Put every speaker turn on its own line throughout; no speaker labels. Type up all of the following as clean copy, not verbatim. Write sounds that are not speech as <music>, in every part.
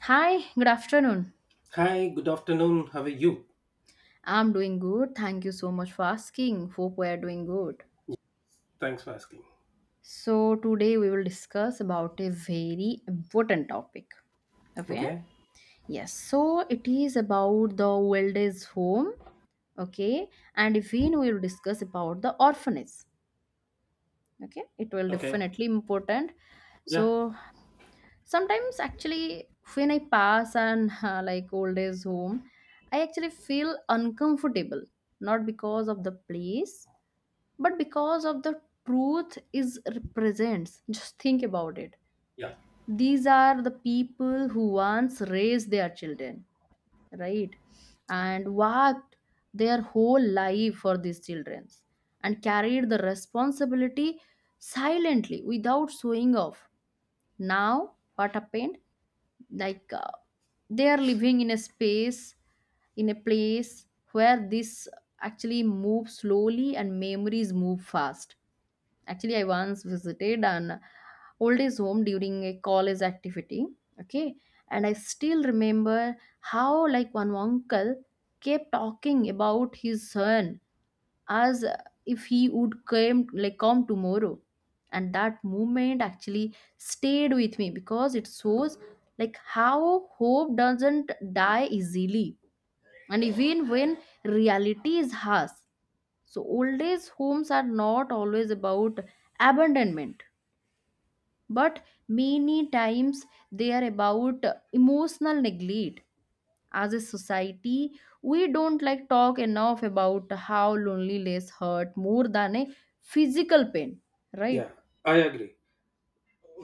Hi, good afternoon.
Hi, good afternoon. How are you?
I'm doing good. Thank you so much for asking. Hope we are doing good.
Thanks for asking.
So, today we will discuss about a very important topic. Okay?
Okay.
Yes. So, it is about the old age home. Okay? And if we will discuss about the orphanage. Okay? It will
Okay.
definitely important.
Yeah.
So, sometimes actually when I pass and <laughs> like old age home, I actually feel uncomfortable. Not because of the place but because of the truth is represents, just think about it,
Yeah.
these are the people who once raised their children, right,
Yeah.
and worked their whole life for these children and carried the responsibility silently without showing off. Now what happened, like they are living in a space, in a place where this actually moves slowly and memories move fast. Actually, I once visited an old age home during a college activity. Okay. And I still remember how, like, one uncle kept talking about his son as if he would come, like, come tomorrow. And that moment actually stayed with me because it shows, like, how hope doesn't die easily. And even when reality is harsh, so, old age homes are not always about abandonment, but many times they are about emotional neglect. As a society, we don't like talk enough about how loneliness hurt more than a physical pain, right?
Yeah. I agree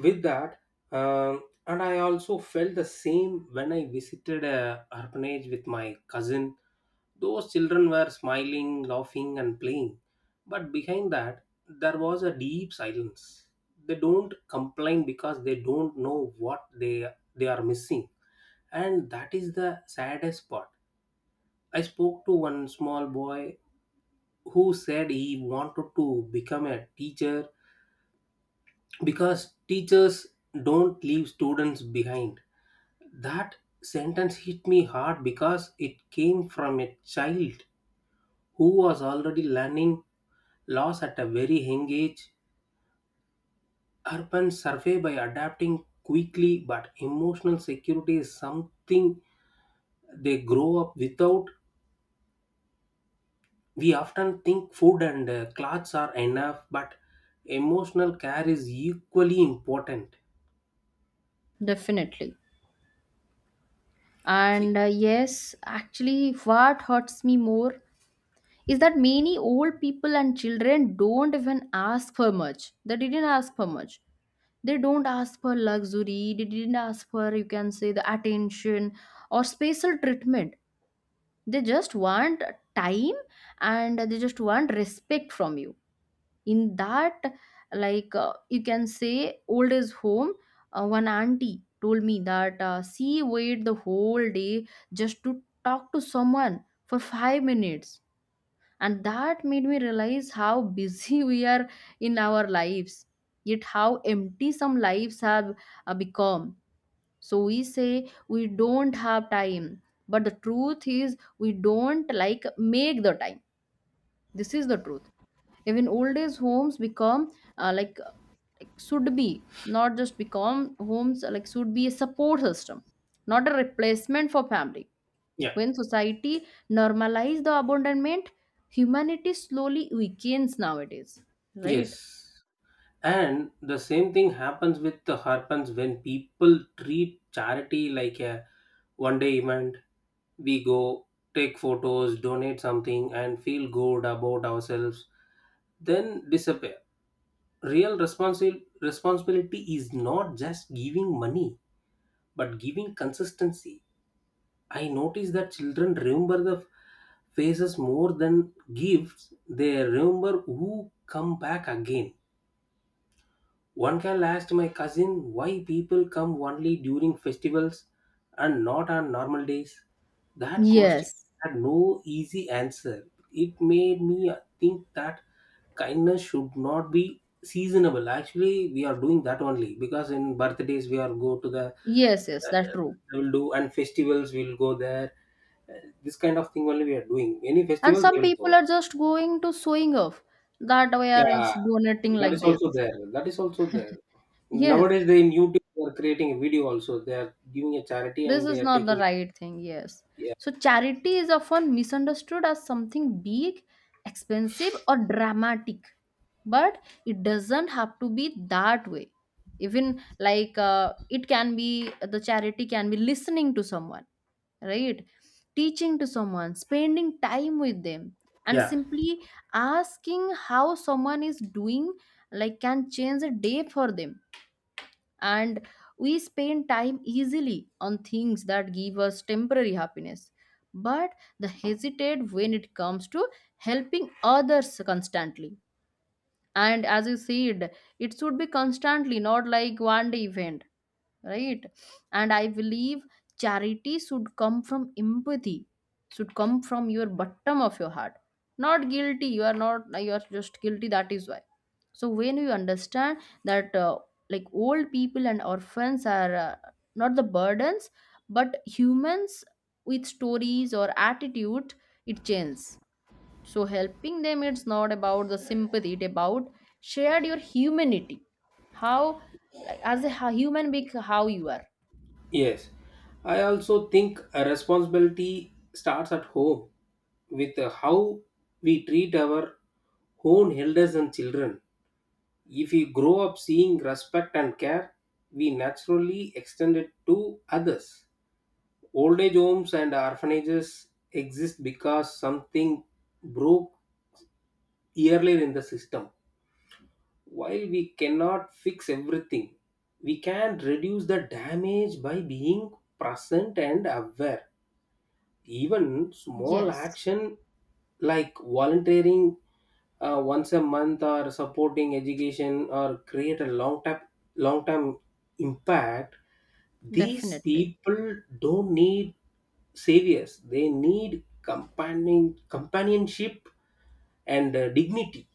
with that. And I also felt the same when I visited a orphanage with my cousin. Those children were smiling, laughing, and playing. But behind that, there was a deep silence. They don't complain because they don't know what they are missing, and that is the saddest part. I spoke to one small boy who said he wanted to become a teacher because teachers don't leave students behind. That sentence hit me hard because it came from a child who was already learning loss at a very young age. Urban survey by adapting quickly, but emotional security is something they grow up without. We often think food and clothes are enough, but emotional care is equally important.
Definitely.
See.
And yes, actually, what hurts me more is that many old people and children don't even ask for much. They didn't ask for much, they don't ask for luxury, they didn't ask for, you can say, the attention or special treatment. They just want time and they just want respect from you in that, like you can say old age home. One auntie told me that she waited the whole day just to talk to someone for 5 minutes, and that made me realize how busy <laughs> we are in our lives, yet how empty some lives have become. So we say we don't have time, but the truth is we don't like make the time. This is the truth. Even old age homes become uh, like like, should be not just become homes, like should be a support system, not a replacement for family.
Yeah.
When society normalize the abandonment, humanity slowly weakens nowadays, right?
Yes. And the same thing happens with the happens when people treat charity like a one day event. We go, take photos, donate something, and feel good about ourselves, then disappear. Real responsibility is not just giving money, but giving consistency. I notice that children remember the faces more than gifts. They remember who come back again. One can ask my cousin why people come only during festivals and not on normal days. That question
Yes,
had no easy answer. It made me think that kindness should not be seasonable. Actually, we are doing that only because in birthdays we are go to the
yes,
uh,
that's true.
we will do, and festivals we will go there. This kind of thing only we are doing. Any
And
festivals they
some
will
people
go.
are just going to showing off that we are
Yeah,
ins- donating
that is
like
also
this.
there. That is also there.
Yes,
Nowadays, they in YouTube they are creating a video also. They are giving a charity
this
and they
is
are
not the
taking.
right thing, yes.
Yeah.
So, charity is often misunderstood as something big, expensive, or dramatic, but it doesn't have to be that way. Even like it can be, the charity can be, listening to someone, right? Teaching to someone, spending time with them, and
Yeah.
simply asking how someone is doing, like, can change a day for them. And we spend time easily on things that give us temporary happiness, but the hesitate when it comes to helping others constantly. And as you said, it should be constantly, not like one day event, right? And I believe charity should come from empathy, should come from your bottom of your heart, not guilty. You are not, you are just guilty, that is why. So when you understand that like old people and orphans are not the burdens but humans with stories or attitude, it changes. So helping them, it's not about the sympathy, it about shared your humanity. How, like, as a hu- human being, how you are.
Yes, I also think a responsibility starts at home with how we treat our own elders and children. If we grow up seeing respect and care, we naturally extend it to others. Old age homes and orphanages exist because something broke earlier in the system. While we cannot fix everything, we can reduce the damage by being present and aware. Even small
Yes,
action like volunteering once a month or supporting education, or create a long term impact. These
definitely.
people don't need saviors; they need companionship and dignity.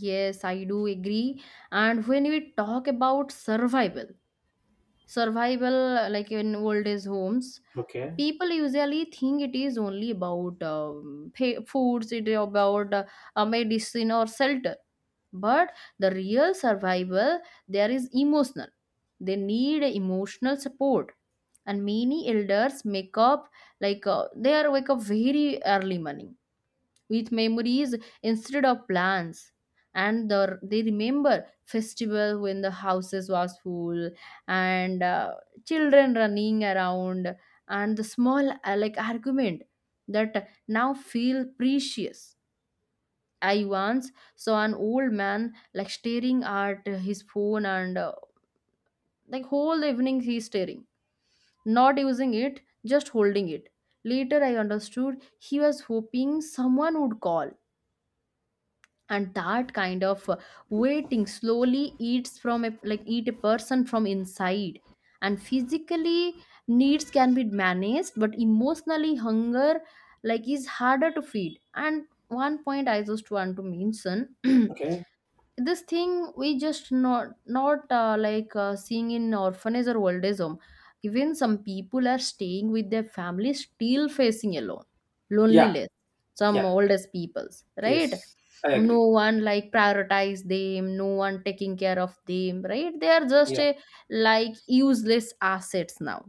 Yes, I do agree. And when we talk about survival, survival like in old age homes,
Okay.
people usually think it is only about fa- foods, it is about a medicine or shelter, but the real survival there is emotional. They need emotional support. And many elders make up, like they are wake up very early morning with memories instead of plans. And they remember festival when the houses was full and children running around and the small like argument that now feel precious. I once saw an old man like staring at his phone and like whole evening he's staring, not using it, just holding it. Later I understood he was hoping someone would call, and that kind of waiting slowly eats from a, like eat a person from inside. And physically needs can be managed, but emotionally hunger like is harder to feed. And one point I just want to mention. <clears throat>
Okay.
This thing we just not like seeing in orphanage or old age home. Even some people are staying with their family still facing alone
Yeah.
loneliness, some
Yeah,
oldest peoples, right?
yes, I
No
agree.
one like prioritize them, no one taking care of them, right? They are just
Yeah,
a like useless assets now,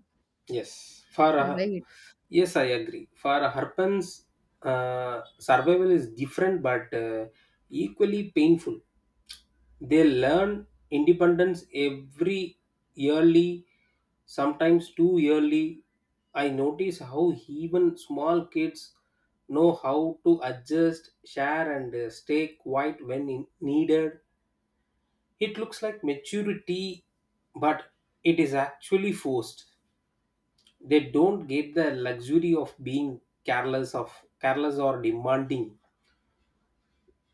yes.
right?
Yes, I agree. For a Harpans, survival is different but equally painful. They learn independence every yearly, sometimes too yearly. I notice how even small kids know how to adjust, share, and stay quiet when needed. It looks like maturity, but it is actually forced. They don't get the luxury of being careless or demanding.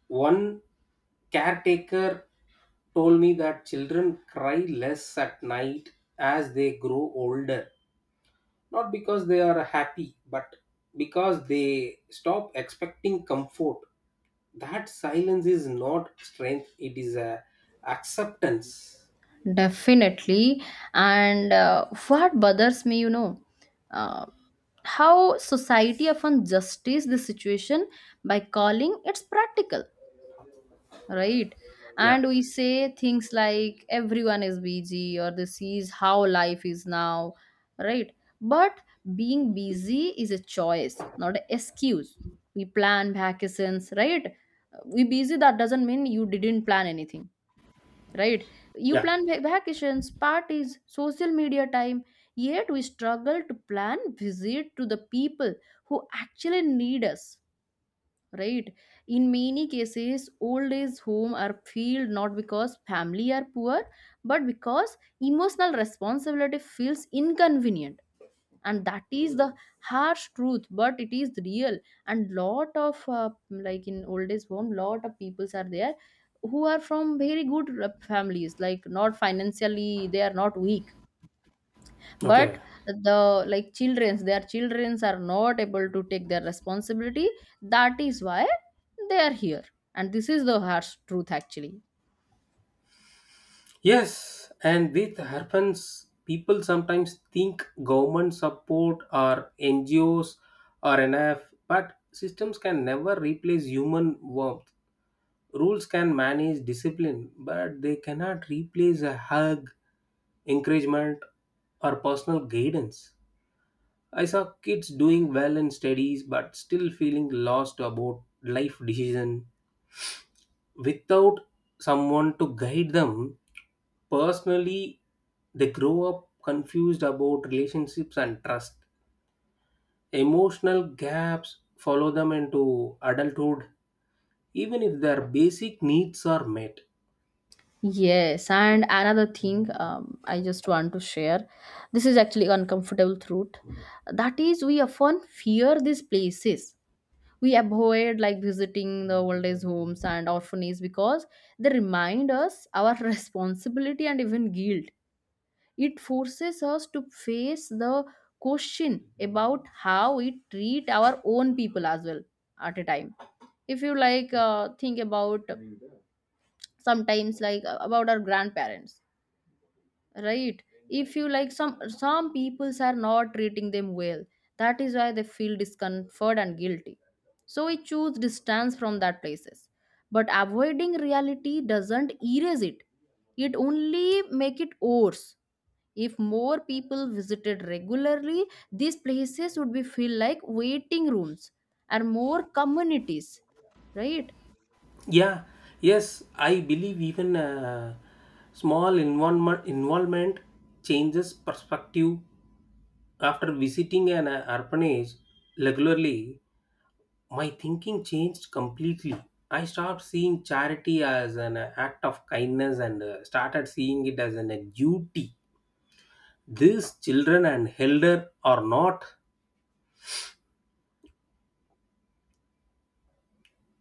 One caretaker told me that children cry less at night as they grow older, not because they are happy but because they stop expecting comfort. That silence is not strength, it is a acceptance.
Definitely. And what bothers me, you know, uh, how society often justifies the situation by calling it's practical, right?
Yeah.
And we say things like everyone is busy or this is how life is now, right? But being busy is a choice, not an excuse. We plan vacations, right? We busy, that doesn't mean you didn't plan anything, right? You
Yeah.
plan va- vacations, parties, social media time, yet we struggle to plan visit to the people who actually need us, right? In many cases, old age home are filled not because family are poor, but because emotional responsibility feels inconvenient, and that is the harsh truth, but it is real. And lot of like in old age home lot of peoples are there who are from very good families, like not financially they are not weak,
Okay.
but the like children's their children's are not able to take their responsibility, that is why they are here. And this is the harsh truth actually.
Yes, and with happens, people sometimes think government support or NGOs are enough, but systems can never replace human warmth. Rules can manage discipline, but they cannot replace a hug, encouragement, or personal guidance. I saw kids doing well in studies but still feeling lost about life decisions without someone to guide them personally. They grow up confused about relationships and trust. Emotional gaps follow them into adulthood even if their basic needs are met.
Yes, and another thing, I just want to share. This is actually uncomfortable truth. That is, we often fear these places. We avoid like visiting the old age homes and orphanages because they remind us our <laughs> responsibility and even guilt. It forces us to face the question about how we treat our own people as well at a time. If you like think about sometimes like about our grandparents, right? If you like some peoples are not treating them well, that is why they feel discomfort and guilty. So we choose distance from that places, but avoiding reality doesn't erase it, it only make it worse. If more people visited regularly, these places would be feel like waiting rooms and more communities, right?
Yeah. Yes, I believe even small involvement changes perspective. After visiting an orphanage regularly, my thinking changed completely. I stopped seeing charity as an act of kindness and started seeing it as a duty. These children and elder are not,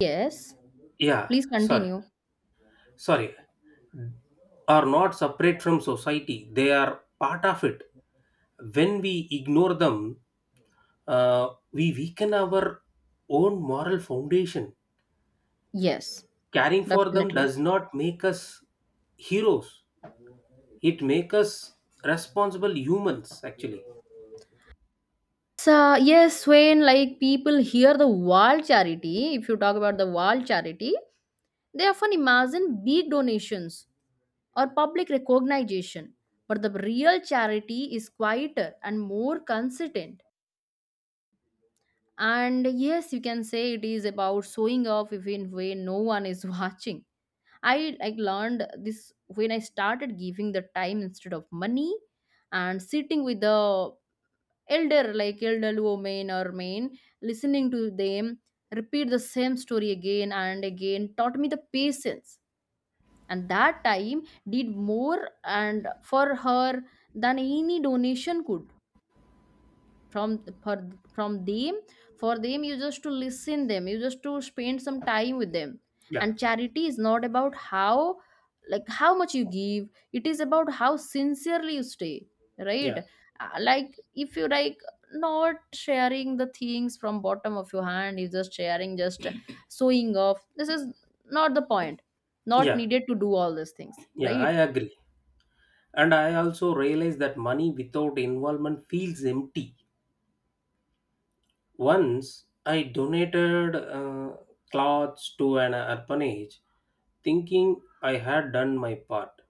Yes,
yeah,
please
sorry,
continue.
sorry, are not separate from society. They are part of it. When we ignore them, we weaken our own moral foundation.
Yes,
Caring for them
definitely.
does not make us heroes. It make us responsible humans actually.
So yes, when like people hear the wall charity, if you talk about the wall charity, they often imagine big donations or public recognition. But the real charity is quieter and more consistent. And yes, you can say it is about showing off even when no one is <laughs> watching. I like learned this when I started giving the time instead of money, and sitting with the elder, like elderly women or men, listening to them repeat the same story again and again, taught me the patience. And that time did more and for her than any donation could from for, from them. For them you just to listen them, you just to spend some time with them.
Yeah,
And charity is not about how, like how much you give, it is about how sincerely you stay, right?
yeah,
Like if you like not sharing the things from bottom of your hand, you just sharing, just <coughs> sewing off, this is not the point, not
yeah,
needed to do all these things,
yeah, I
right?
agree. And I also realized that money without involvement feels empty. Once I donated clothes to an orphanage, thinking I had done my part.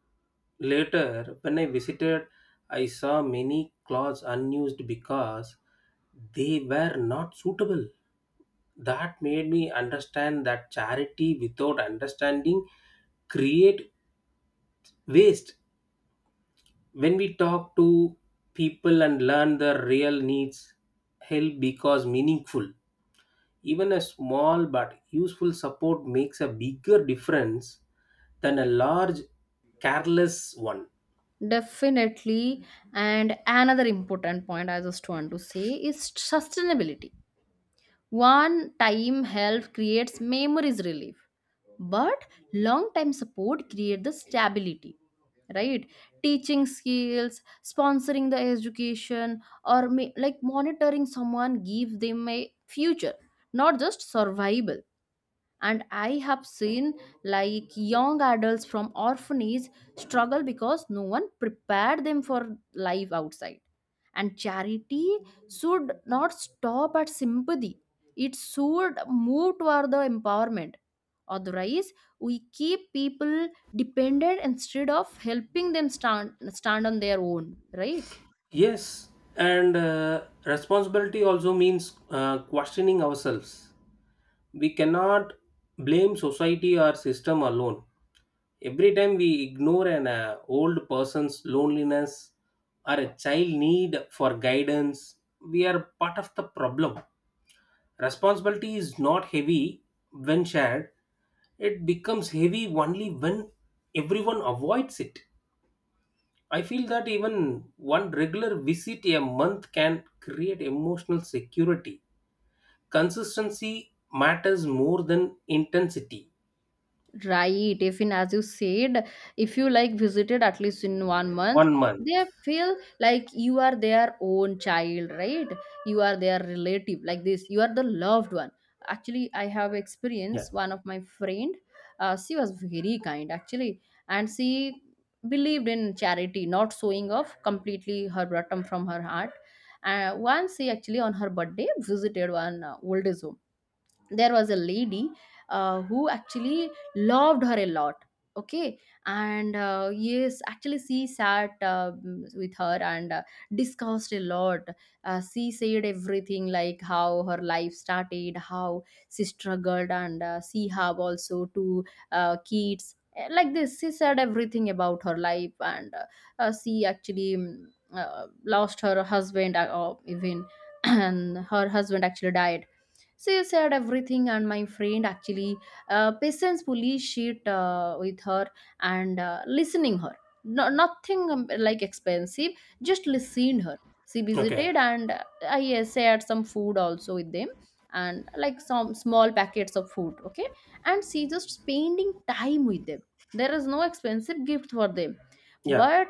Later, when I visited, I saw many clothes unused because they were not suitable. That made me understand that charity without understanding create waste. When we talk to people and learn their real needs, help because meaningful. Even a small but useful support makes a bigger difference than a large careless one.
Definitely. And another important point I just want to say is sustainability. One time help creates memories relief, but long time support create the stability, right? Teaching skills, sponsoring the education, or may, like monitoring someone, give them a future, not just survival. And I have seen like young adults from orphanage struggle because no one prepared them for life outside. And charity should not stop at sympathy, it should move toward the empowerment. Otherwise, we keep people dependent instead of helping them stand on their own, right?
Yes, and responsibility also means questioning ourselves. We cannot blame society or system alone. Every time we ignore an old person's loneliness or a child need for guidance, we are part of the problem. Responsibility is not heavy when shared. It becomes heavy only when everyone avoids it. I feel that even one regular visit a month can create emotional security. Consistency matters more than intensity.
Right, even as you said, if you like visited at least in one month,
One month.
they feel like you are their own child, right? You are their relative, like this. You are the loved one. Actually, I have
Yeah.
experienced one of my friend. She was very kind actually, and she believed in charity, not showing off, completely her bottom from her heart. Once she actually on her birthday visited one old, there was a lady who actually loved her a lot, okay. And yes, actually she sat with her and discussed a lot. She said everything, like how her life started, how she struggled, and she have also two kids. Like this, she said everything about her life, and she actually uh, lost her husband even <clears throat> and her husband actually died. So you said everything, and my friend actually patiently shit with her and listening her. No, nothing like expensive, just listened her. She
Okay.
visited, and I shared some food also with them, and like some small packets of food. Okay, and she just spending time with them. There is no expensive gift for them,
Yeah.
but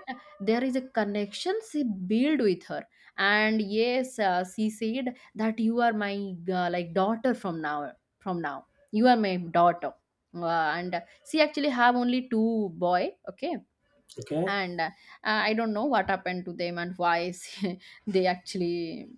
there is a connection she built with her. And yes, she said that you are my like daughter from now, from now, you are my daughter. Uh, and She actually have only two boy, okay.
Okay.
And I don't know what happened to them and why <laughs> they actually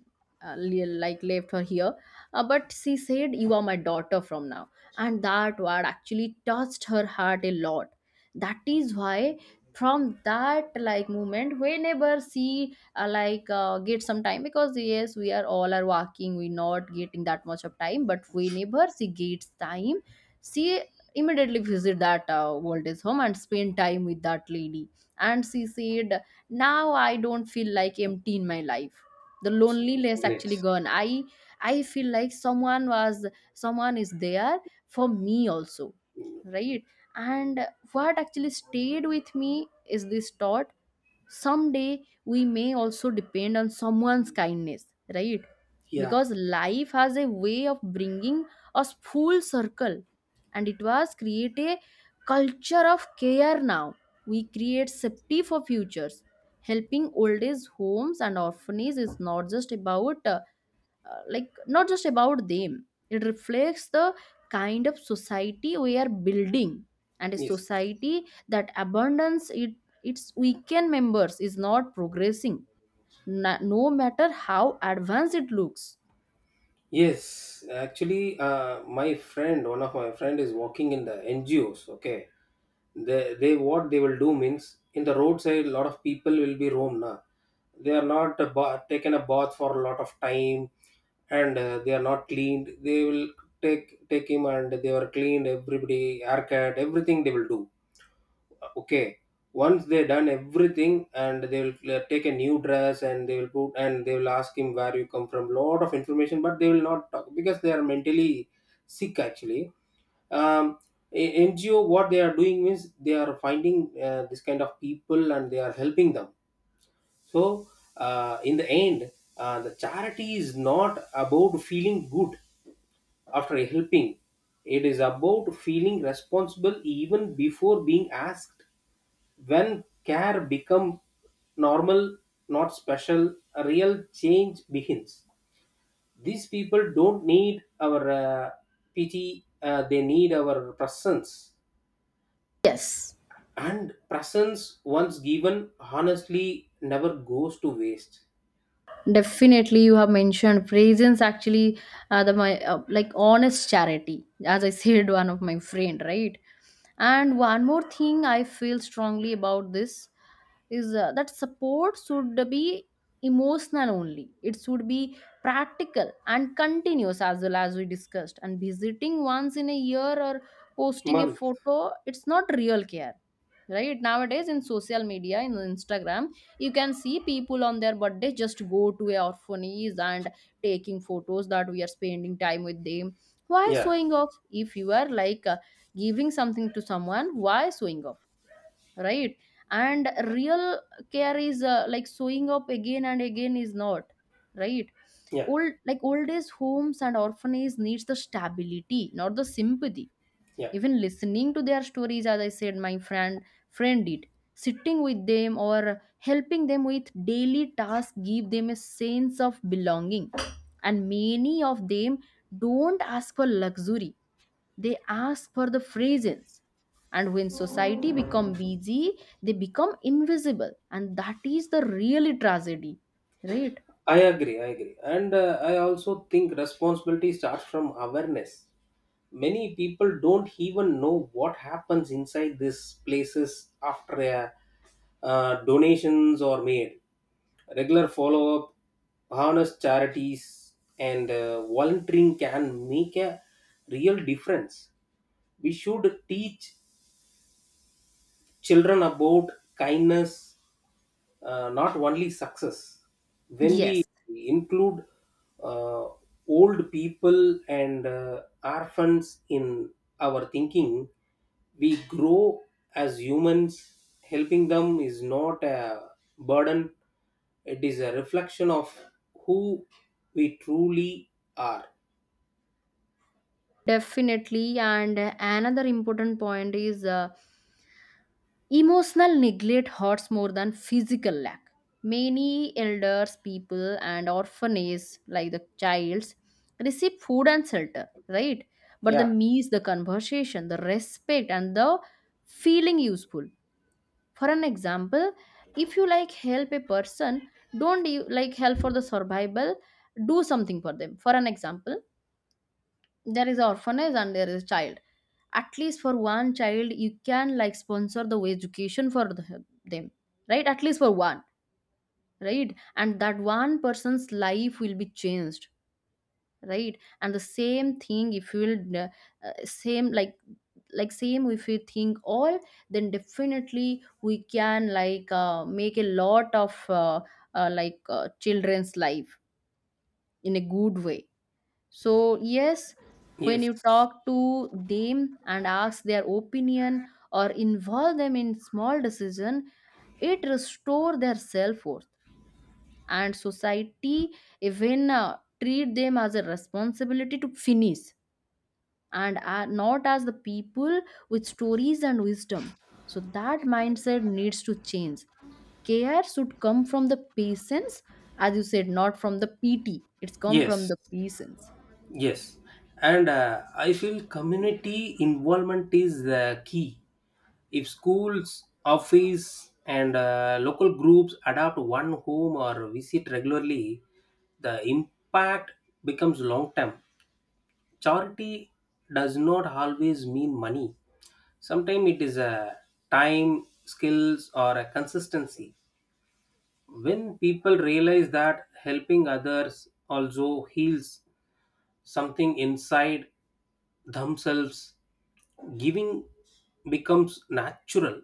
like left her here. But she said, you are my daughter from now, and that word actually touched her heart a lot. That is why from that like moment, whenever she get some time, because yes, we are all are working, we not getting that much of time, but whenever she gets time, she immediately visit that old age home and spend time with that lady. And she said, now I don't feel like empty in my life. The loneliness
Great.
actually gone. I feel like someone was, someone is there for me also, right? And what actually stayed with me is this thought: someday we may also depend on someone's kindness, right?
Yeah.
Because life has a way of bringing us full circle, and it was create a culture of care. Now we create safety for futures. Helping old age homes and orphanages is not just about like not just about them, it reflects the kind of society we are building. And a
Yes.
society that abundance it, its weekend members, is not progressing, no matter how advanced it looks.
Yes. Actually, my friend, one of my friend is working in the NGOs. Okay. They what they will do means in the roadside, a lot of people will be roam na. They are not a taken a bath for a lot of time, and they are not cleaned. They will take him and they were cleaned. Everybody haircut, everything they will do. Okay, once they done everything and they will take a new dress and they will put, and they will ask him where you come from, lot of information, but they will not talk because they are mentally sick actually. Um, NGO, what they are doing means they are finding this kind of people and they are helping them. So, in the end, the charity is not about feeling good after helping. It is about feeling responsible even before being asked. When care become normal, not special, a real change begins. These people don't need our pity, they need our presence.
Yes.
And presence, once given, honestly never goes to waste.
Definitely, you have mentioned presence. Actually, the my like honest charity, as I <laughs> said, one of my friend, right? And one more thing I feel strongly about this is that support should be emotional only. It should be practical and continuous as well, as we discussed. And visiting once in a year or posting a
Month.
photo, it's not real care, right? Nowadays in social media, in Instagram, you can see people on their birthday just go to a orphanage and taking photos that we are spending time with them. Why
Yeah,
showing off? If you are like giving something to someone, why showing off, right? And real care is like showing up again and again, is not right.
yeah,
Old like old age homes and orphanages needs the stability, not the sympathy.
yeah.
Even listening to their stories, as I said, my friend did, sitting with them or helping them with daily tasks, give them a sense of belonging. And many of them don't ask for luxury, they ask for the presence. And when society become busy, they become invisible, and that is the really tragedy, right?
I agree, I agree. And I also think responsibility starts from awareness. Many people don't even know what happens inside these places after donations are made. Regular follow up, honest charities, and volunteering can make a real difference. We should teach children about kindness, not only success. When we
Yes.
include uh, old people and orphans in our thinking, we grow as humans. Helping them is not a burden, it is a reflection of who we truly are.
Definitely, and another important point is emotional neglect hurts more than physical lack. Many elders, people, and orphanages, like the childs, receive food and shelter, right? But the
Yeah.
means, the conversation, the respect, and the feeling useful. For an example, if you like help a person, don't you like help for the survival, do something for them. For an example, there is orphanage and there is child, at least for one child you can like sponsor the education for the, them, right? At least for one, right? And that one person's life will be changed, right? And the same thing, if you will same like same, if you think all, then definitely we can like make a lot of like children's life in a good way. So yes, when
Yes.
you talk to them and ask their opinion or involve them in small decision, it restore their self-worth. And society even treat them as a responsibility to finish and are not as the people with stories and wisdom. So that mindset needs to change. Care should come from the patients, as you said, not from the pt, it's come from
Yes.
the patients.
Yes, and I feel community involvement is the key. If schools, office, and local groups adopt one home or visit regularly, the impact becomes long term. Charity does not always mean money. Sometimes it is a time, skills, or a consistency. When people realize that helping others also heals something inside themselves, giving becomes natural.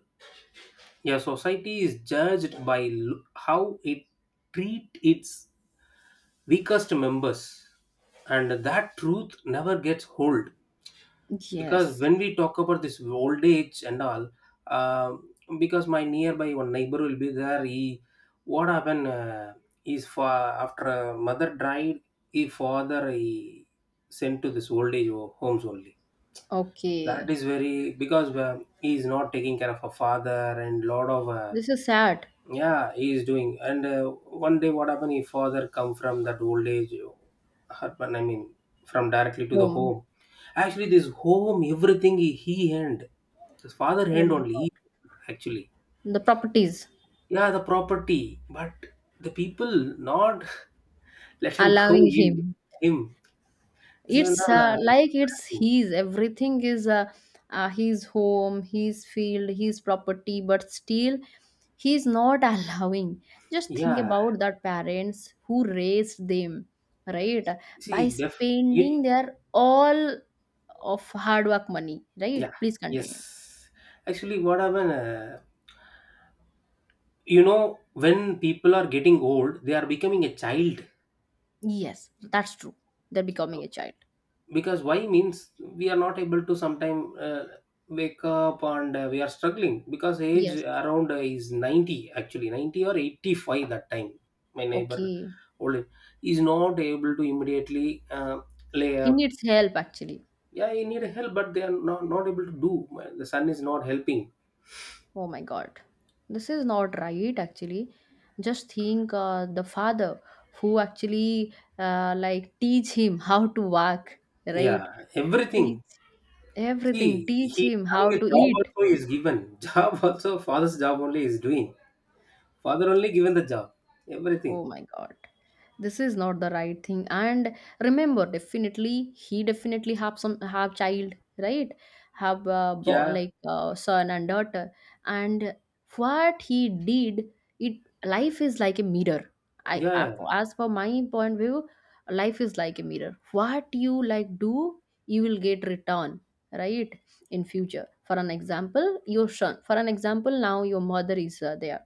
A society is judged by how it treat its weakest members, and that truth never gets hold. Because
Yes.
when we talk about this old age and all, uh, because my nearby one neighbor will be there. He, what happened, is for after mother died, his father he sent to this old age homes only. That
Okay.
is very because he is not taking care of a father, and lot of
This is sad.
yeah, he is doing. And one day, what happened? His father come from that old age, urban. I mean, from directly to the
Home.
home. Actually, this home, everything he hand. His father
Oh
hand
my
only.
God.
He, actually,
The properties.
yeah, the property, but the people not <laughs> let him go
Allowing
in
him.
him. This is
It's
another.
like it's his. Everything is his home, his field, his property, but still he's not <laughs> allowing. Just think
Yeah,
about that parents who raised them, right? By
see, def. You,
spending their all of hard work money, right?
yeah,
Please
yes.
continue.
Actually, what happened? You know when people are getting old they are becoming a child,
Yes, that's true. They're becoming a child.
because why means we are not able to sometime wake up and we are struggling because age
Yes.
around is 90, actually 90 or 85 that time my neighbor
Okay.
old is not able to immediately lay
He
up.
needs help actually.
Yeah, he need help but they are not able to do. The son is not helping.
Oh my god. This is not right actually. Just think the father who actually like teach him <laughs> how to walk, right?
Yeah, everything.
Teach everything,
See,
teach
he
him how
having a
to
job
eat.
also is given <laughs> job also. Father's job only is doing. Father only given the job,
Oh
everything.
my god. This is not the right thing. And remember, definitely he definitely have child, right? Have
Yeah,
son and daughter. And what he did, it life is like a mirror.
yeah,
As per my point view, life is like a mirror. What you like do, you will get return, right? In future. For an example, your son. For an example, now your mother is there,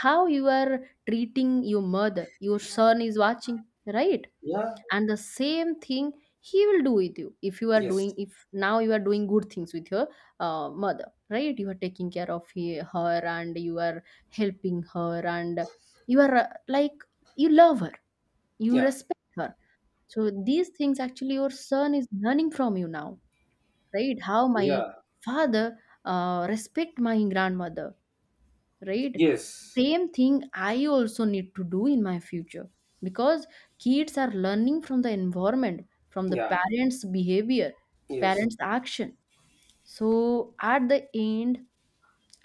how you are treating your mother, your son is watching, right?
yeah,
And the same thing he will do with you, if you are
yes,
doing, if now you are doing good things with your mother, right? You are taking care of he, her, and you are helping her, and you are like you love her, you
yeah,
respect her. So these things actually your son is learning from you now, right? How my
yeah,
father respect my grandmother, right?
yes,
Same thing I also need to do in my future, because kids are learning from the environment, from the
yeah,
parents behavior,
yes,
parents action. So at the end,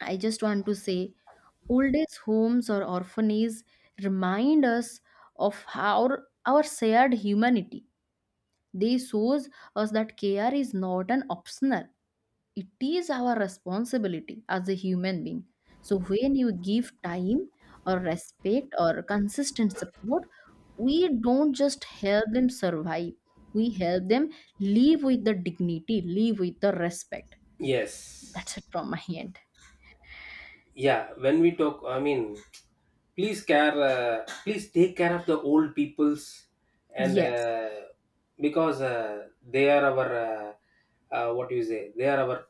I just want to say, old age homes or orphanages remind us of our shared humanity. They shows us that care is not an optional, it is our responsibility as a human being. So when you give time or respect or consistent support, we don't just help them survive, we help them live with the dignity, live with the respect. That's
yes,
it from my end.
yeah. When we talk, I mean, please care, please take care of the old peoples, and
Yes.
because they are our, what do you say? They are our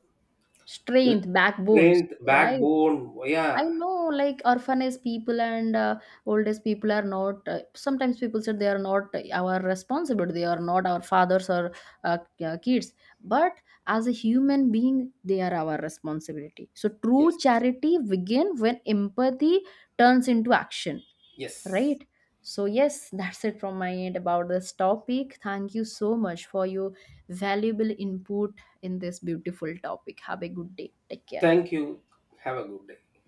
l-
Strength backbones,
strength,
right?
backbone.
I
Yeah,
know, like orphanage people and old age people are not. Sometimes people said they are not our responsibility. They are not our fathers or kids. But as a human being, they are our responsibility. So true
yes,
charity begin when empathy turns into action,
yes.
right? So yes, <laughs> that's it from my end about this topic. Thank you so much for your valuable input in this beautiful topic. Have a good day. Take care.
Thank you. Have a good day.